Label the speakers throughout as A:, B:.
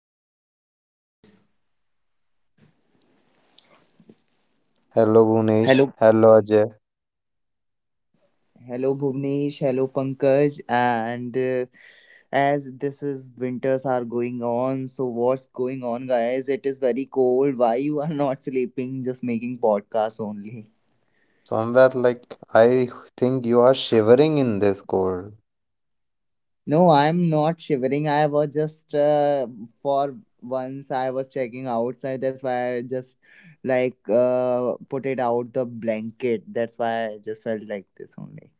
A: another episode.
B: Hello, Bhunesh.
C: Hello,
B: Hello, Ajay.
C: hello, Bhuvnesh, hello Pankaj, and as this is winters are going on, so what's going on, guys? It is very cold. Why you are not sleeping? Just making podcast only.
B: Somewhere like I think you are shivering in this cold.
C: No, I'm not shivering. I was just for once I was checking outside. That's why I just like put it out the blanket. That's why I just felt like this only.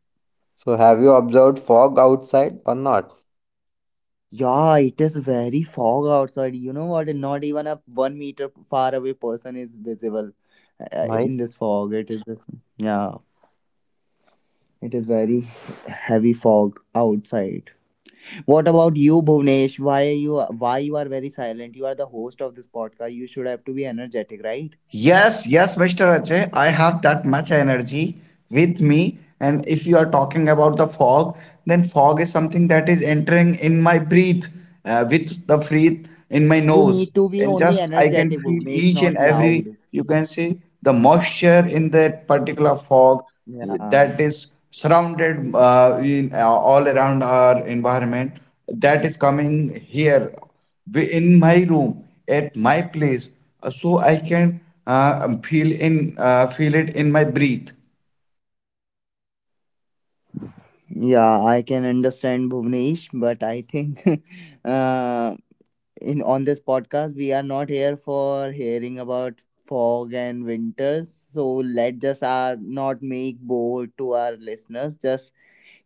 B: So, have you observed fog outside or not?
C: Yeah, it is very fog outside. You know what? Not even a 1 meter far away person is visible in this
B: Nice.
C: fog. It is this, yeah, it is very heavy fog outside. What about you, Bhuvnesh? Why you are very silent? You are the host of this podcast. You should have to be energetic, right?
A: Yes, yes, Mr. Ajay, I have that much energy with me. And if you are talking about the fog, then fog is something that is entering in my breath, with the breath in my
C: You
A: nose.
C: need to be
A: And
C: only
A: just I can
C: energetic,
A: feel
C: Bhuvnesh,
A: each and
C: not
A: every,
C: loud.
A: you can see the moisture in that particular fog
C: Yeah,
A: that is surrounded in, all around our environment that is coming here in my room at my place so I can feel in feel it in my breath.
C: yeah, I can understand Bhuvnesh, but I think uh, in on this podcast we are not here for hearing about fog and winters, so let just our not make bold to our listeners, just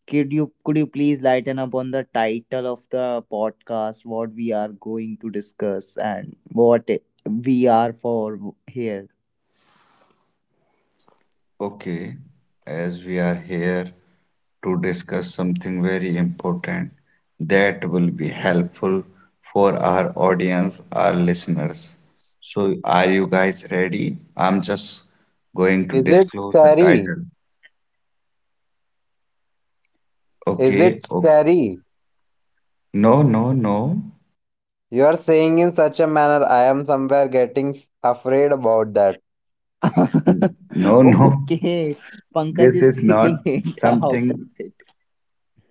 C: could you please lighten up on the title of the podcast, what we are going to discuss and what we are for here.
A: Okay, as we are here to discuss something very important that will be helpful for our audience, our listeners. So, are you guys ready? I'm just going to
B: Is it
A: disclose the
B: scary?
A: title.
B: Is it
A: Okay, oh,
B: scary?
A: no, no, no,
B: You are saying in such a manner, I am somewhere getting afraid about that.
A: no, no.
C: Okay, pankaj
A: This
C: is
A: is not
C: taking it out of
A: something,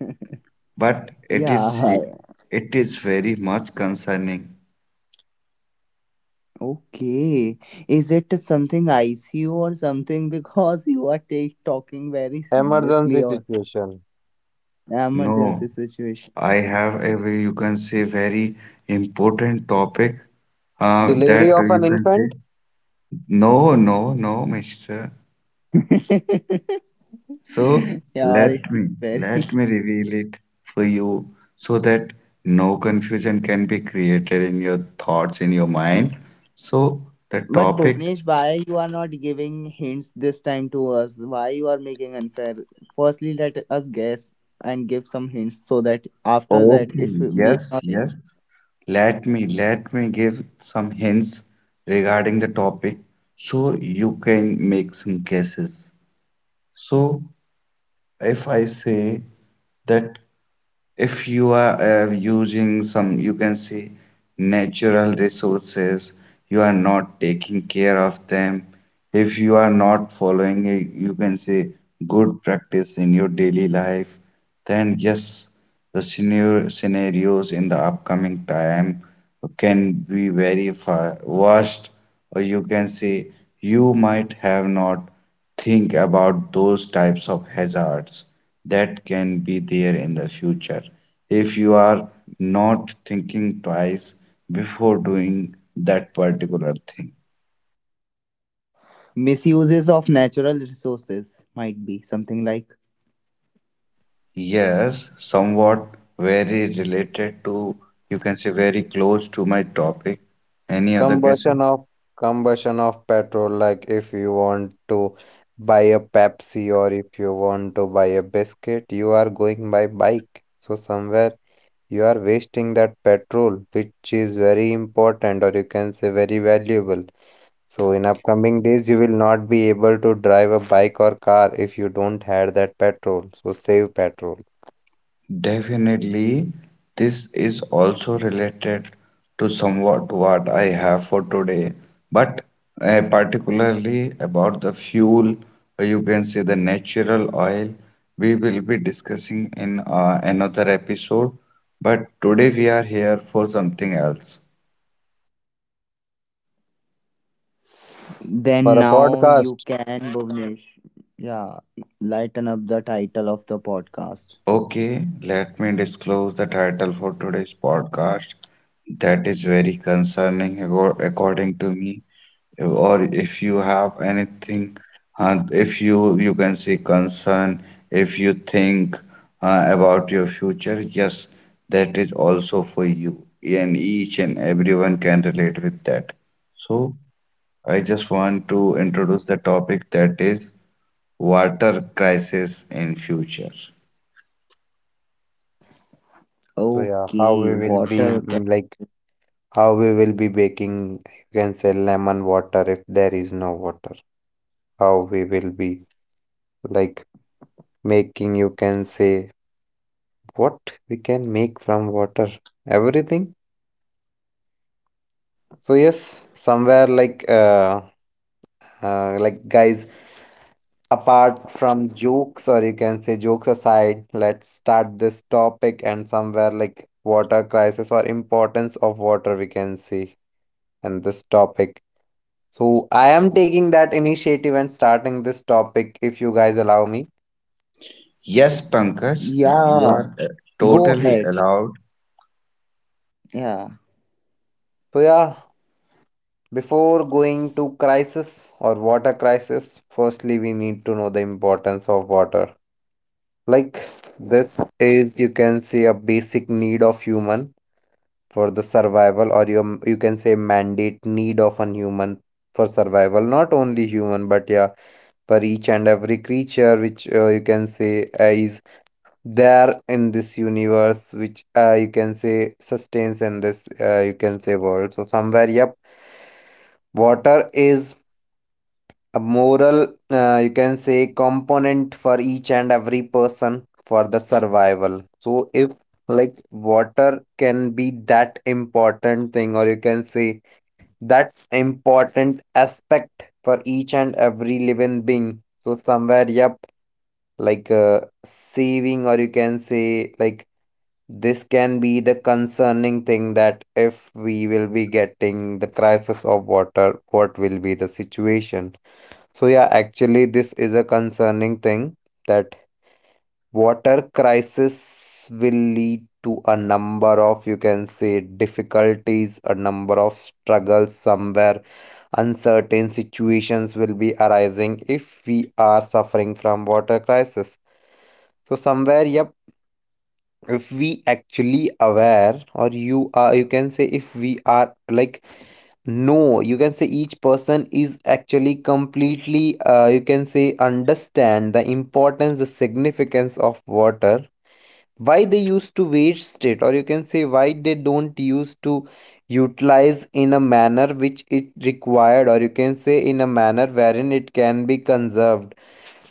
C: it.
A: but
C: Yeah.
A: it is very much concerning.
C: Okay. Is it something ICU or something because you are take talking very
B: Emergency
C: seriously or
B: situation.
C: emergency
A: No,
C: situation?
A: I have a very, you can say very important topic
B: Delivery
A: that
B: of an
A: you can say
B: infant?
A: no, no, no, mister. So
C: Yeah, or it
A: let
C: is
A: me
C: very.
A: let me reveal it for you so that no confusion can be created in your thoughts in your mind. So the
C: But
A: topic,
C: Bhuvnesh, why you are not giving hints this time to us? Why you are making unfair? Firstly, let us guess and give some hints so that after that,
A: okay,
C: if we are
A: yes,
C: not able,
A: yes. Let me give some hints regarding the topic so you can make some guesses. So if I say that if you are using some, you can say, natural resources, you are not taking care of them, if you are not following a, you can say, good practice in your daily life, then yes, the scenarios in the upcoming time can be very far worst, or you can say you might have not think about those types of hazards that can be there in the future. If you are not thinking twice before doing that particular thing.
C: misuses of natural resources might be something like.
A: Yes, somewhat very related to, you can say very close to my topic. Any other
B: combustion
A: guesses?
B: of combustion of petrol, like if you want to buy a Pepsi or if you want to buy a biscuit, you are going by bike, so somewhere you are wasting that petrol which is very important, or you can say very valuable. So in upcoming days you will not be able to drive a bike or car if you don't have that petrol, so save petrol
A: Definitely, this is also related to somewhat what I have for today, but particularly about the fuel, or you can say the natural oil, we will be discussing in another episode. But today we are here for something else.
B: for
C: Then
B: a
C: now
B: podcast.
C: you can, Bhuvnesh. Yeah, lighten up the title of the podcast.
A: Okay, let me disclose the title for today's podcast. That is very concerning, according to me. Or if you have anything, if you, you can say, concern, if you think about your future, yes, that is also for you, and each and everyone can relate with that. So I just want to introduce the topic, that is water crisis in future.
B: So yeah, how we
C: Okay,
B: will be
C: water. cu-
B: like, how we will be baking, you can say, lemon water if there is no water. How we will be, like, making, you can say, what we can make from water, everything. So yes, somewhere like like, guys, apart from jokes, or you can say jokes aside, let's start this topic, and somewhere like water crisis or importance of water we can see in this topic. So I am taking that initiative and starting this topic if you guys allow me.
A: Yes, Pankaj, you
C: Yeah,
A: are
C: go
A: totally
C: ahead.
A: allowed.
C: Yeah.
B: So yeah, before going to crisis or water crisis, firstly we need to know the importance of water. Like, this is, you can say, a basic need of human for the survival, or you can say mandate need of an human for survival, not only human but yeah, for each and every creature which, you can say, is there in this universe which, you can say, sustains in this, you can say, world. So somewhere, yep, water is a moral, you can say, component for each and every person for the survival. So if, like, water can be that important thing, or you can say that important aspect, for each and every living being, so somewhere yep, like, saving, or you can say, like, this can be the concerning thing that if we will be getting the crisis of water, what will be the situation? So yeah, actually this is a concerning thing that water crisis will lead to a number of, you can say, difficulties, a number of struggles somewhere, uncertain situations will be arising if we are suffering from water crisis. So somewhere, yep, if we actually aware or you are, you can say, if we are like, no, you can say each person is actually completely, you can say, understand the importance, the significance of water, why they used to waste it, or you can say why they don't use to utilize in a manner which it required, or you can say in a manner wherein it can be conserved.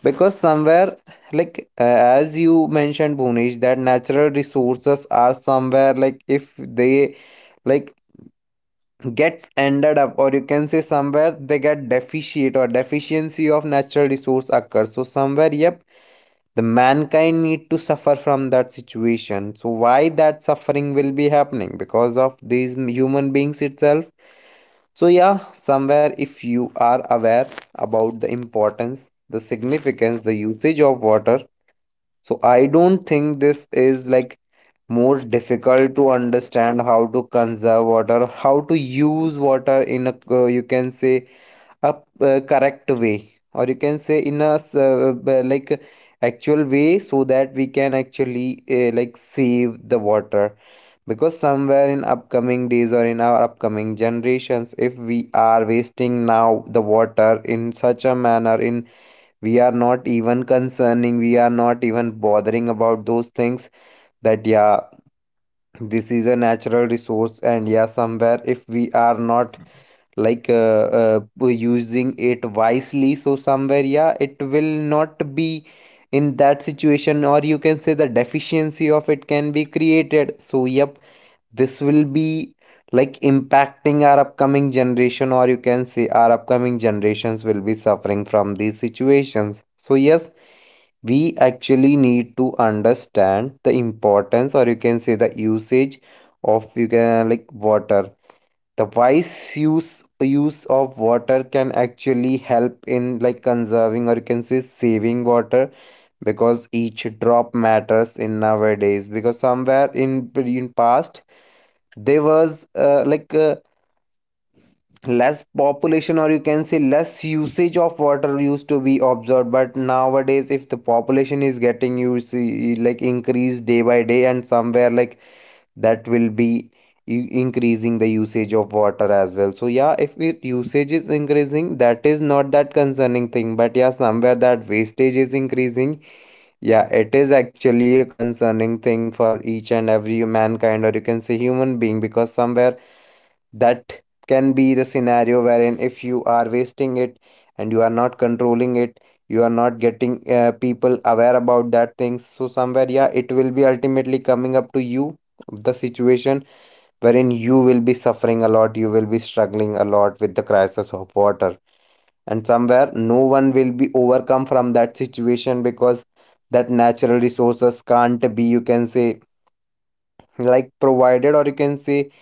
B: Because somewhere, like, as you mentioned, Bhunesh, that natural resources are somewhere like, if they, like, gets ended up, or you can say somewhere they get deficient, or deficiency of natural resource occurs, so somewhere yep, the mankind need to suffer from that situation. So why that suffering will be happening? Because of these human beings itself. So yeah, somewhere, if you are aware about the importance, the significance, the usage of water, so I don't think this is like more difficult to understand how to conserve water, how to use water in a, you can say, a correct way, or you can say in a, like, actual way, so that we can actually, like, save the water. Because somewhere in upcoming days or in our upcoming generations, if we are wasting now the water in such a manner, in we are not even concerning, we are not even bothering about those things, that yeah, this is a natural resource. And yeah, somewhere if we are not, like, using it wisely, so somewhere yeah, it will not be in that situation, or you can say the deficiency of it can be created. So yep, this will be, like, impacting our upcoming generation, or you can say our upcoming generations will be suffering from these situations. So yes, we actually need to understand the importance, or you can say the usage of, you can, like, water. The wise use of water can actually help in, like, conserving, or you can say saving water, because each drop matters in nowadays. Because somewhere in past, there was, like, less population, or you can say less usage of water used to be observed, but nowadays if the population is getting, you see, like increased day by day, and somewhere like, that will be increasing the usage of water as well. So yeah, if it usage is increasing, that is not that concerning thing, but yeah, somewhere that wastage is increasing, yeah, it is actually a concerning thing for each and every mankind, or you can say human being. Because somewhere that can be the scenario wherein if you are wasting it, and you are not controlling it, you are not getting, people aware about that things, so somewhere yeah, it will be ultimately coming up to you the situation wherein you will be suffering a lot, you will be struggling a lot with the crisis of water, and somewhere no one will be overcome from that situation. Because that natural resources can't be, you can say, like, provided, or you can say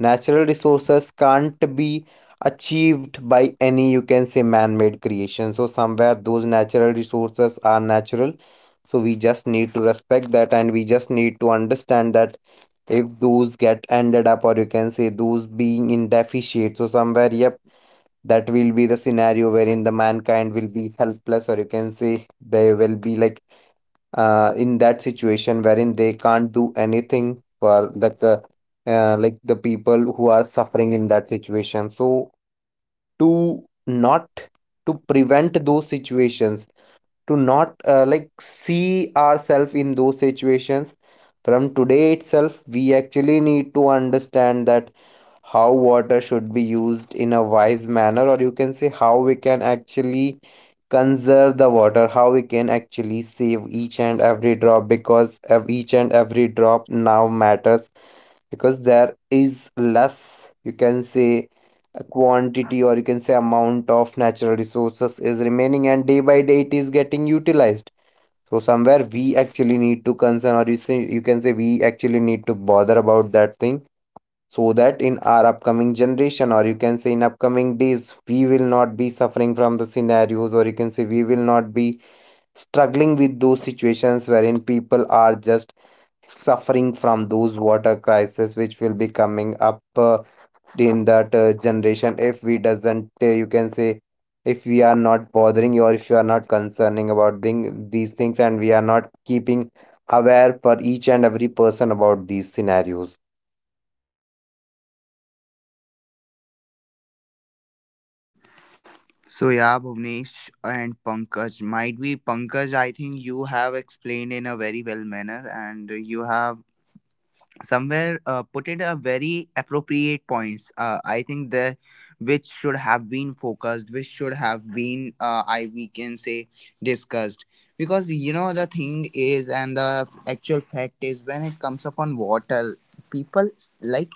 B: natural resources can't be achieved by any, you can say, man-made creation. So somewhere those natural resources are natural, so we just need to respect that, and we just need to understand that if those get ended up, or you can say those being in deficit, so somewhere yep, that will be the scenario wherein the mankind will be helpless, or you can say they will be like, in that situation wherein they can't do anything for like the people who are suffering in that situation. So to not, to prevent those situations, to not, like, see ourselves in those situations, from today itself we actually need to understand that how water should be used in a wise manner, or you can say how we can actually conserve the water, how we can actually save each and every drop, because each and every drop now matters. Because there is less, you can say, a quantity, or you can say amount of natural resources is remaining, and day by day it is getting utilized. So somewhere we actually need to concern, or you say, you can say we actually need to bother about that thing, so that in our upcoming generation, or you can say in upcoming days, we will not be suffering from the scenarios, or you can say we will not be struggling with those situations wherein people are just suffering from those water crises, which will be coming up, in that, generation if we doesn't, you can say, if we are not bothering, or if you are not concerning about thing, these things, and we are not keeping aware for each and every person about these scenarios.
C: So yeah, Bhuvnesh and Pankaj, might be Pankaj. I think you have explained in a very well manner, and you have somewhere put it a very appropriate points. I think the which should have been focused, which should have been I we can say discussed, because you know the thing is and the actual fact is, when it comes upon water, people like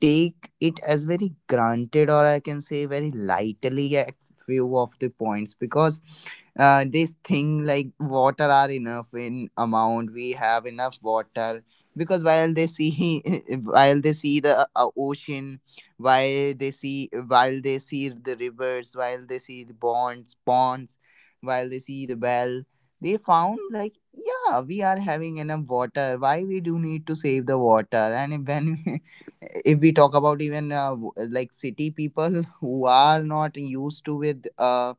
C: take it as very granted, or I can say very lightly at few of the points, because this thing like water are enough in amount, we have enough water. Because while they see while they see the ocean, while they see the rivers, while they see the bonds ponds, while they see the well, they found like, yeah, we are having enough water, why we do need to save the water? And when if we talk about even like city people who are not used to with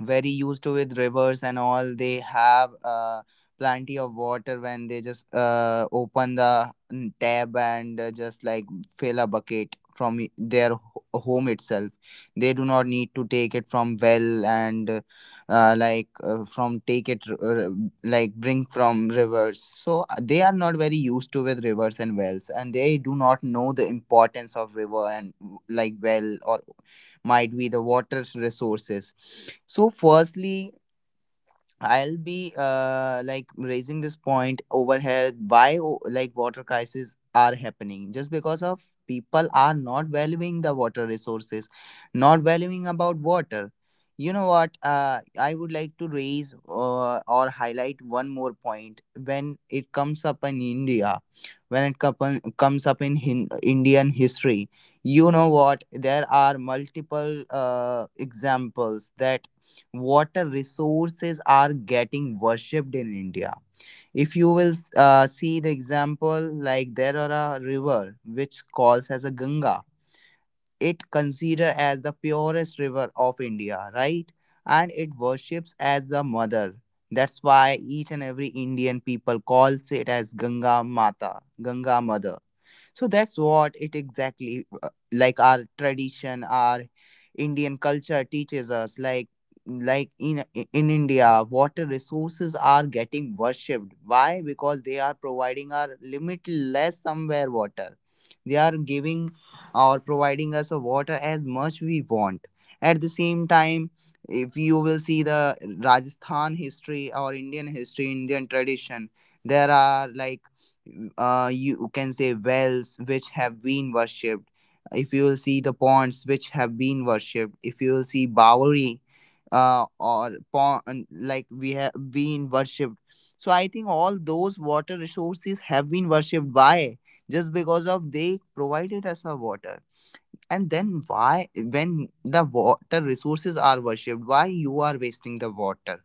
C: very used to with rivers and all, they have plenty of water. When they just open the tab and just like fill a bucket from their home itself, they do not need to take it from well, and like from take it like bring from rivers. So they are not very used to with rivers and wells, and they do not know the importance of river and like well or might be the water resources. So firstly, I'll be like raising this point over here, why like water crises are happening, just because of people are not valuing the water resources, not valuing about water. You know what, I would like to raise or highlight one more point. When it comes up in India, when it comes up in Indian history. You know what? There are multiple examples that water resources are getting worshipped in India. If you will see the example, like there are a river which calls as a Ganga. It considered as the purest river of India, right? And it worships as a mother. That's why each and every Indian people calls it as Ganga Mata, Ganga Mother. So that's what it exactly like our tradition, our Indian culture teaches us, like like in India water resources are getting worshipped. Why? Because they are providing our limitless somewhere water. They are giving or providing us a water as much we want. At the same time, if you will see the Rajasthan history or Indian history, Indian tradition, there are like you can say wells which have been worshipped, if you will see the ponds which have been worshipped, if you will see bowery or pond, like we have been worshipped. So I think all those water resources have been worshipped. Why? Just because of they provided us our water. And then why, when the water resources are worshipped, why you are wasting the water?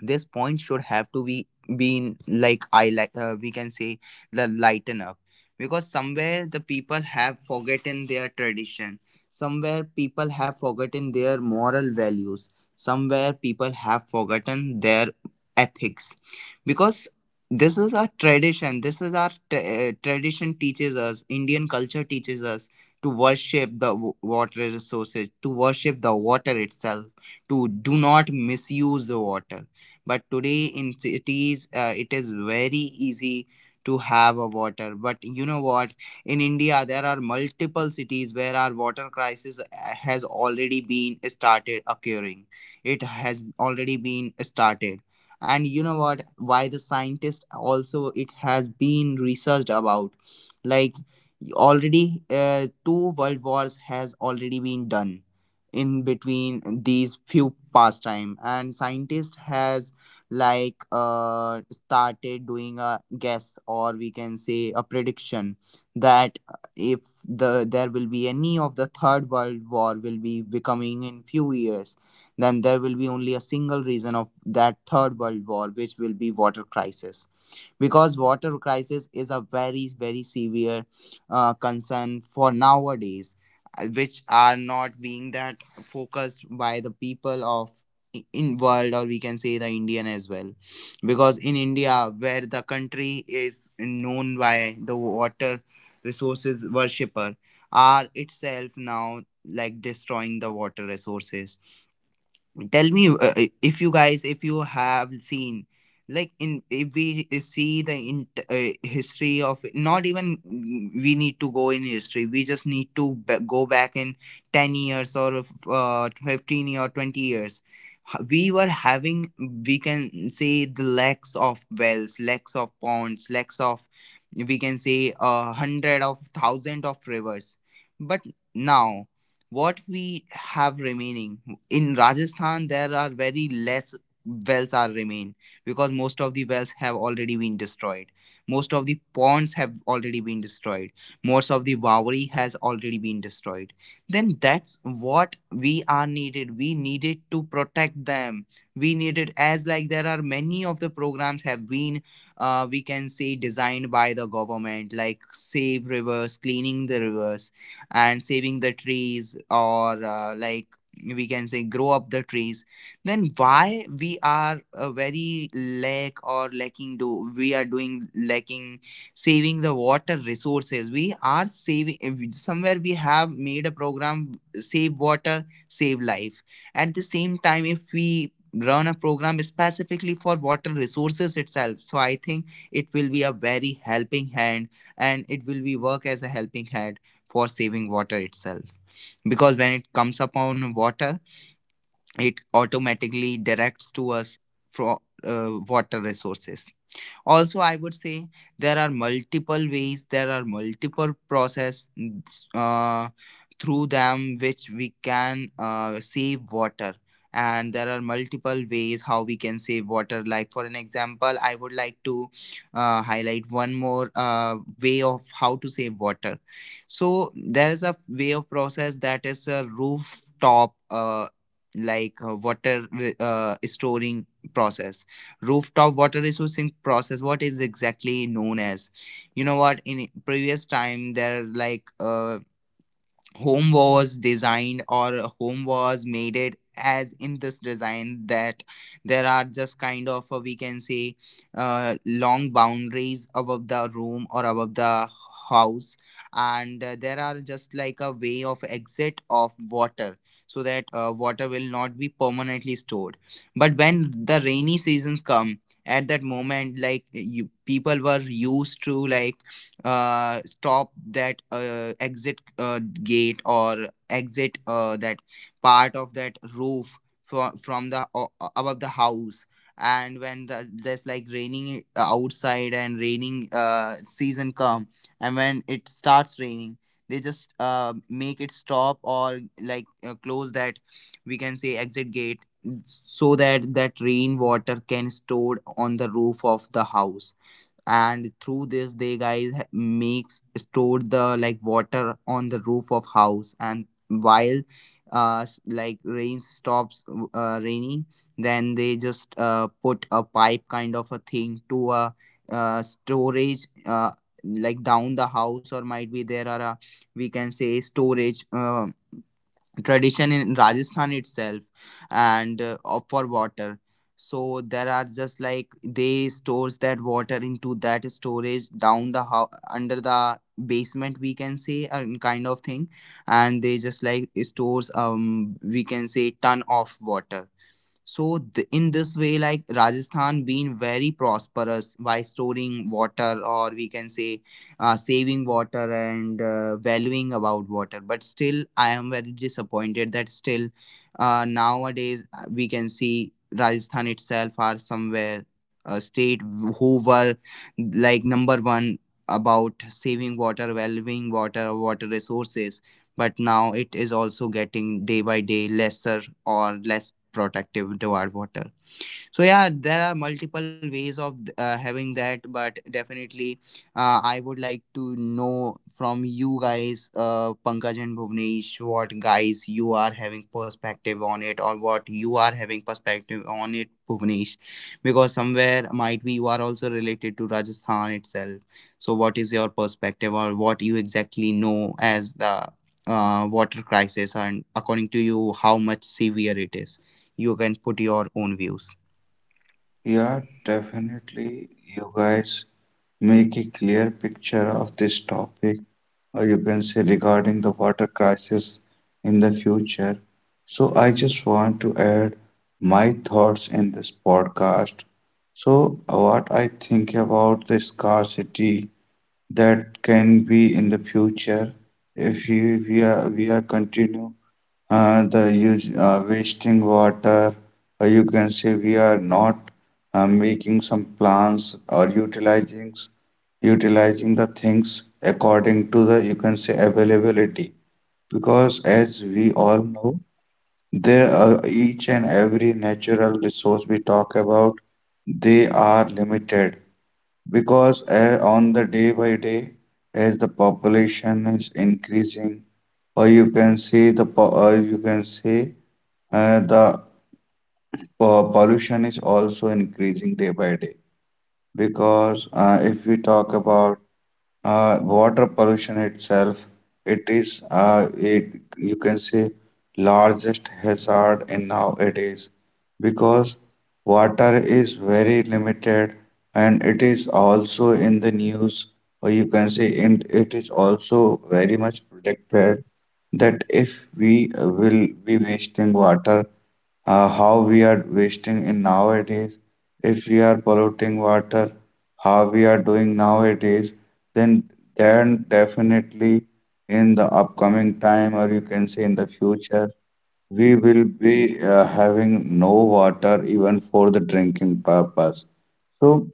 C: This point should have to be been like, I like we can say, the lighten up, because somewhere the people have forgotten their tradition, somewhere people have forgotten their moral values, somewhere people have forgotten their ethics. Because this is our tradition, this is our tradition teaches us, Indian culture teaches us to worship the water resources, to worship the water itself, to do not misuse the water. But today in cities it is very easy to have a water. But you know what, in India there are multiple cities where our water crisis has already been started occurring. It has already been started. And you know what, why the scientists also, it has been researched about, like already two world wars has already been done in between these few pastime, and scientists has like started doing a guess, or we can say a prediction, that if there will be any of the third world war will be becoming in few years, then there will be only a single reason of that third world war, which will be water crisis. Because water crisis is a very very severe concern for nowadays, which are not being that focused by the people of in world, or we can say the Indian as well. Because in India, where the country is known by the water resources worshipper, are itself now like destroying the water resources. Tell me if you guys, if you have seen, like in, if we see the in, history of, not even we need to go in history, we just need to go back in 10 years or 15 or 20 years. H- we were having, we can say, the lacks of wells, lacks of ponds, lacks of, we can say a hundred of thousand of rivers. But now what we have remaining, in Rajasthan there are very less wells are remain, because most of the wells have already been destroyed, most of the ponds have already been destroyed, most of the wauri has already been destroyed. Then that's what we are needed, we needed to protect them. We needed, as like there are many of the programs have been we can say designed by the government, like save rivers, cleaning the rivers, and saving the trees, or like we can say grow up the trees. Then why we are very lack or lacking, do we are doing lacking saving the water resources? We are saving, if somewhere we have made a program save water save life. At the same time, if we run a program specifically for water resources itself, so I think it will be a very helping hand, and it will be work as a helping hand for saving water itself. Because when it comes upon water, it automatically directs to us for water resources. Also I would say, there are multiple ways, there are multiple process, uh, through them which we can save water. And there are multiple ways how we can save water. Like for an example, I would like to highlight one more way of how to save water. So there is a way of process, that is a rooftop like water storing process. Rooftop water resourcing process, what is exactly known as. You know what, in previous time there, like home was designed, or home was made it as in this design, that there are just kind of we can say long boundaries above the room or above the house, and there are just like a way of exit of water, so that water will not be permanently stored. But when the rainy seasons come, at that moment, like you people were used to, like stop that exit gate, or exit that part of that roof, from the above the house. And when the, just like raining outside, and raining season come, and when it starts raining, they just make it stop, or like close that, we can say, exit gate, so that that rain water can stored on the roof of the house. And through this they guys makes stored the, like, water on the roof of house. And while like rain stops raining, then they just put a pipe kind of a thing to a storage like down the house, or might be there are a, we can say, storage tradition in Rajasthan itself, and for water. So there are just like they stores that water into that storage down the under the basement, we can say, and kind of thing. And they just like stores we can say ton of water. So in this way, like Rajasthan being very prosperous by storing water, or we can say, saving water and valuing about water. But still, I am very disappointed that still, nowadays we can see Rajasthan itself are somewhere a state who were like number one about saving water, valuing water, water resources. But now it is also getting day by day lesser, or less protective toward water. So yeah, there are multiple ways of having that. But definitely I would like to know from you guys, Pankaj and Bhuvnesh, what guys you are having perspective on it, or what you are having perspective on it, Bhuvnesh? Because somewhere might be you are also related to Rajasthan itself, so what is your perspective, or what you exactly know as the water crisis, and according to you how much severe it is? You can put your own views.
A: Yeah, definitely. You guys make a clear picture of this topic, or you can say regarding the water crisis in the future. So, I just want to add my thoughts in this podcast. So, what I think about the scarcity that can be in the future if we are continue the use wasting water, or you can say we are not making some plans or utilizing the things according to the, you can say, availability, because as we all know there are each and every natural resource we talk about, they are limited, because on the day by day, as the population is increasing, or you can say the po- or you can say the pollution is also increasing day by day, because if we talk about water pollution itself, it is it, you can say, largest hazard in nowadays, because water is very limited, and it is also in the news, or you can say, and it is also very much predicted that if we will be wasting water how we are wasting in nowadays, if we are polluting water how we are doing nowadays, then then definitely in the upcoming time, or you can say in the future, we will be having no water even for the drinking purpose. So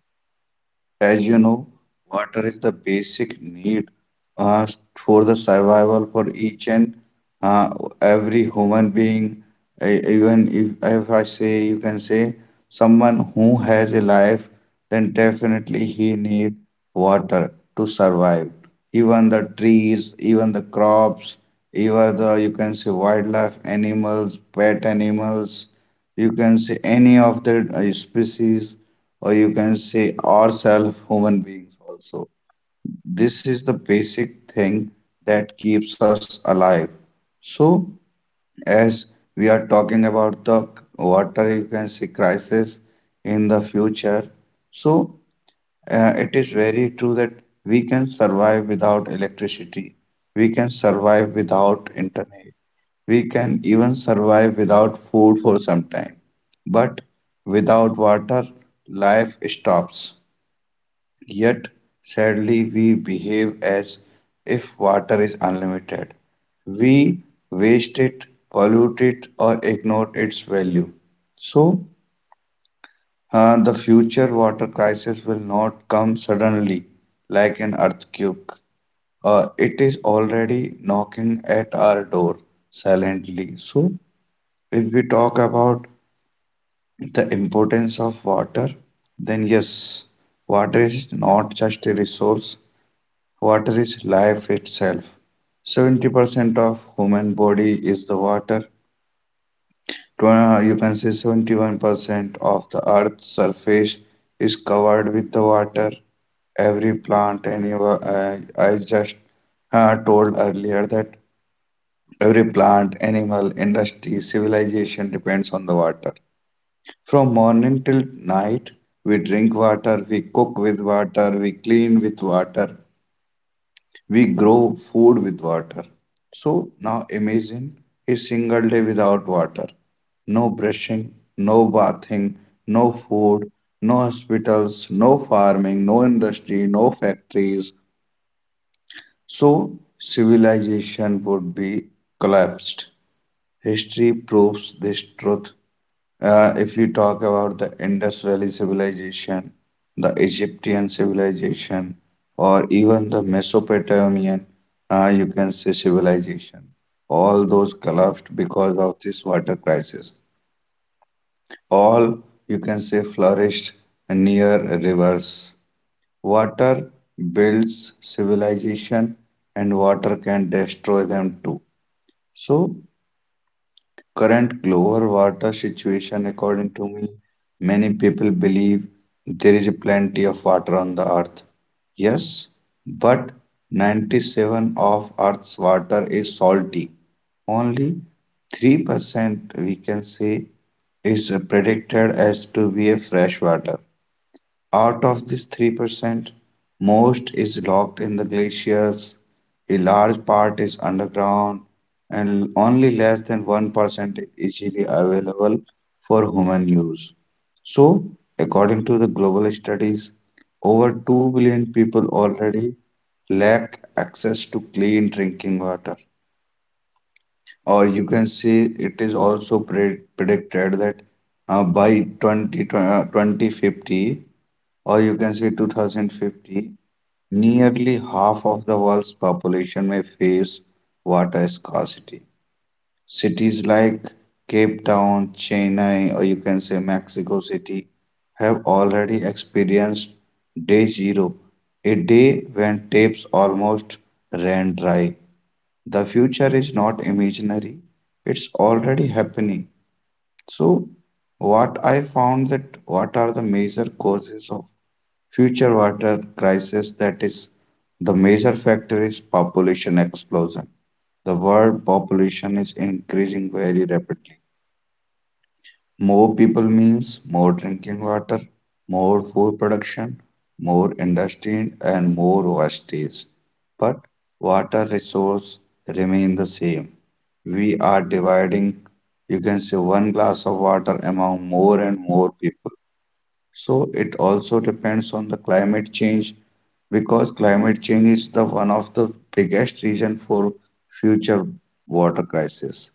A: as you know, water is the basic need uh, for the survival for each and uh, every human being. Even if I say, you can say, someone who has a life, then definitely he need water to survive. Even the trees, even the crops, even the, you can say, wildlife animals, pet animals, you can say any of the species, or you can say ourselves human beings also, this is the basic thing that keeps us alive. So as we are talking about the water, you can see crisis in the future. So it is very true that we can survive without electricity, we can survive without internet, we can even survive without food for some time, but without water, life stops. Yet, sadly, we behave as if water is unlimited. We waste it, pollute it, or ignore its value. So, the future water crisis will not come suddenly like an earthquake. It is already knocking at our door silently. So, if we talk about the importance of water, then yes, water is not just a resource, water is life itself. 70% of human body is the water. You can say 71% of the earth's surface is covered with the water. Every plant, animal, I just told earlier that every plant, animal, industry, civilization depends on the water. From morning till night, we drink water, we cook with water, we clean with water, we grow food with water. So now imagine a single day without water. No brushing, no bathing, no food, no hospitals, no farming, no industry, no factories. So civilization would be collapsed. History proves this truth. If you talk about the Indus Valley civilization, the Egyptian civilization, or even the Mesopotamian, you can say, civilization, all those collapsed because of this water crisis. All, you can say, flourished near rivers. Water builds civilization, and water can destroy them too. So current global water situation, according to me, many people believe there is plenty of water on the earth. Yes, but 97 of earth's water is salty. Only 3% we can say is predicted as to be a fresh water. Out of this 3%, most is locked in the glaciers, a large part is underground, and only less than 1% is easily available for human use. So, according to the global studies, over 2 billion people already lack access to clean drinking water. Or you can say it is also predicted that 2050, or you can say 2050, nearly half of the world's population may face water scarcity. Cities like Cape Town, Chennai, or you can say Mexico City, have already experienced day zero, a day when taps almost ran dry. The future is not imaginary, it's already happening. So, what I found that what are the major causes of future water crisis, that is, the major factor is population explosion. The world population is increasing very rapidly. More people means more drinking water, more food production, more industry, and more wastage, but water resource remain the same. We are dividing, you can say, one glass of water among more and more people. So it also depends on the climate change, because climate change is the one of the biggest reason for future water crisis.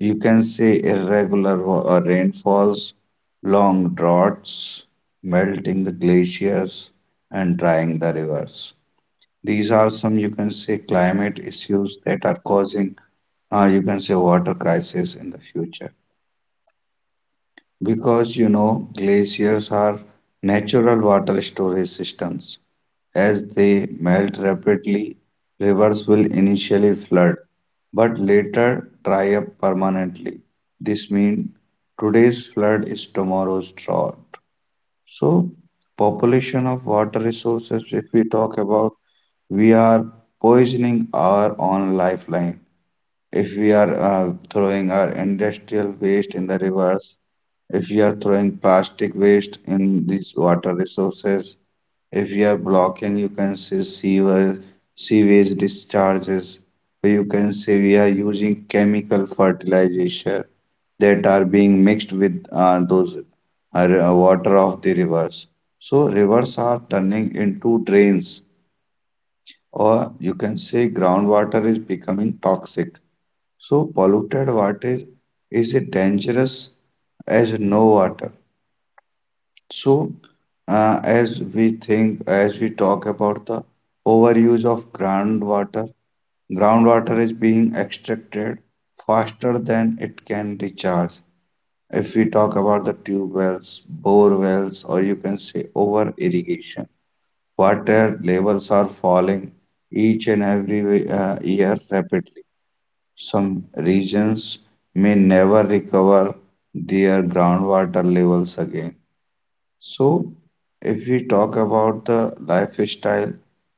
A: You can say irregular rainfalls, long droughts, melting the glaciers, and drying the rivers. These are some, you can say, climate issues that are causing you can say water crisis in the future. Because you know, glaciers are natural water storage systems. As they melt rapidly, rivers will initially flood, but later dry up permanently. This means today's flood is tomorrow's drought. So, population of water resources, if we talk about, we are poisoning our own lifeline, if we are throwing our industrial waste in the rivers, if we are throwing plastic waste in these water resources, if we are blocking, you can say, sewer, sewage discharges, or you can say we are using chemical fertilizer that are being mixed with those water of the rivers. So rivers are turning into drains, or you can say groundwater is becoming toxic. So polluted water is a dangerous as no water. So as we think, as we talk about the overuse of groundwater, groundwater is being extracted faster than it can recharge. If we talk about the tube wells, bore wells, or you can say over irrigation, water levels are falling each and every year rapidly. Some regions may never recover their groundwater levels again. So, if we talk about the lifestyle,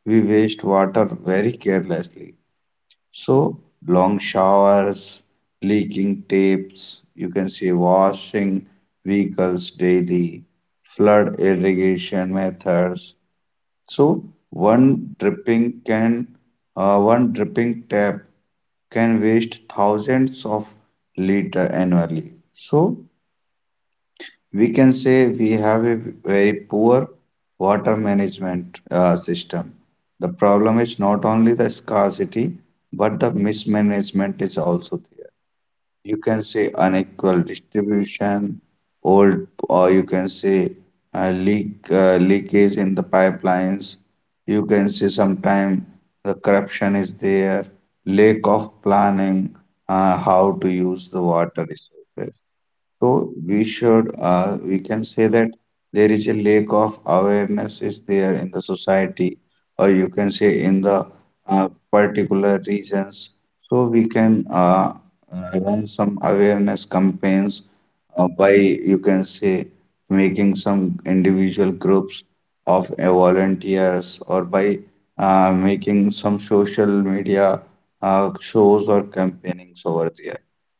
A: we waste water very carelessly. So, long showers, leaking taps, you can see washing vehicles daily, flood irrigation methods, so one dripping can one dripping tap can waste thousands of liter annually. So we can say we have a very poor water management system. The problem is not only the scarcity, but the mismanagement is also there, you can say unequal distribution, old, or you can say leakage in the pipelines. You can say sometime the corruption is there, lack of planning, how to use the water resources. So we should we can say that there is a lack of awareness is there in the society, or you can say in the particular regions. So we can run some awareness campaigns by, you can say, making some individual groups of volunteers, or by making some social media shows or campaignings over there.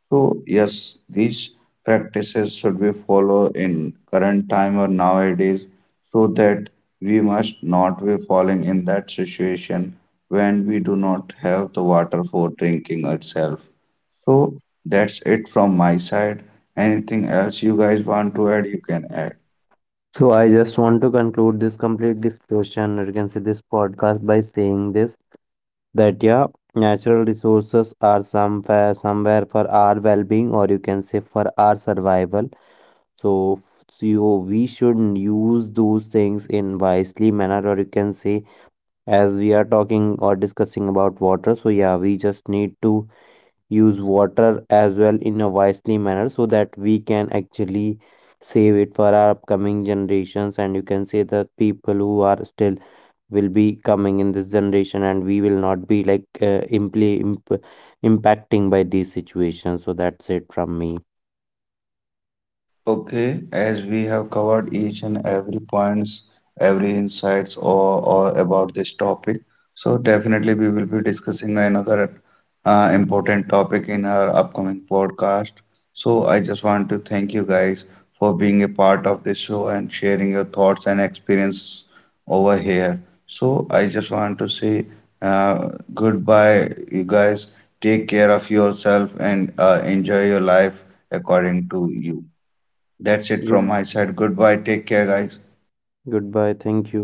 A: So yes, these practices should we follow in current time or nowadays so that we must not be falling in that situation when we do not have the water for drinking itself. So that's it from my side. Anything else you guys want to add, you can add.
B: So I just want to conclude this complete discussion, or you can say this podcast, by saying this, that yeah, natural resources are somewhere somewhere for our well-being, or you can say for our survival. So so you we should use those things in wisely manner, or you can say, as we are talking or discussing about water. So yeah, we just need to use water as well in a wisely manner, so that we can actually save it for our upcoming generations, and you can say the people who are still will be coming in this generation, and we will not be like, impacting by these situations. So that's it from me.
A: Okay, as we have covered each and
C: I
A: every
C: think
A: points,
C: you guys
A: every
C: have
A: insights
C: already covered
A: or
C: multiple
A: about this
C: points
A: topic,
C: and
A: so
C: multiple ways how
A: definitely we
C: to
A: will be
C: save
A: discussing
C: water,
A: another
C: and like how to
A: important
C: save
A: topic in
C: from
A: our upcoming
C: water crisis.
A: podcast.
C: And I have
A: So I
C: also
A: just want to
C: already been
A: thank you
C: covered.
A: guys for
C: So
A: being a
C: just
A: part of this show and sharing your thoughts and experience
C: one
A: over
C: message
A: here.
C: that we I
A: So I
C: want to
A: just want to
C: convey for
A: say
C: all the
A: uh,
C: listeners
A: goodbye, you guys. Take care of yourself and enjoy your life according to you. That's it from
B: good
A: my side. Goodbye. Take care, guys.
B: Goodbye, thank you.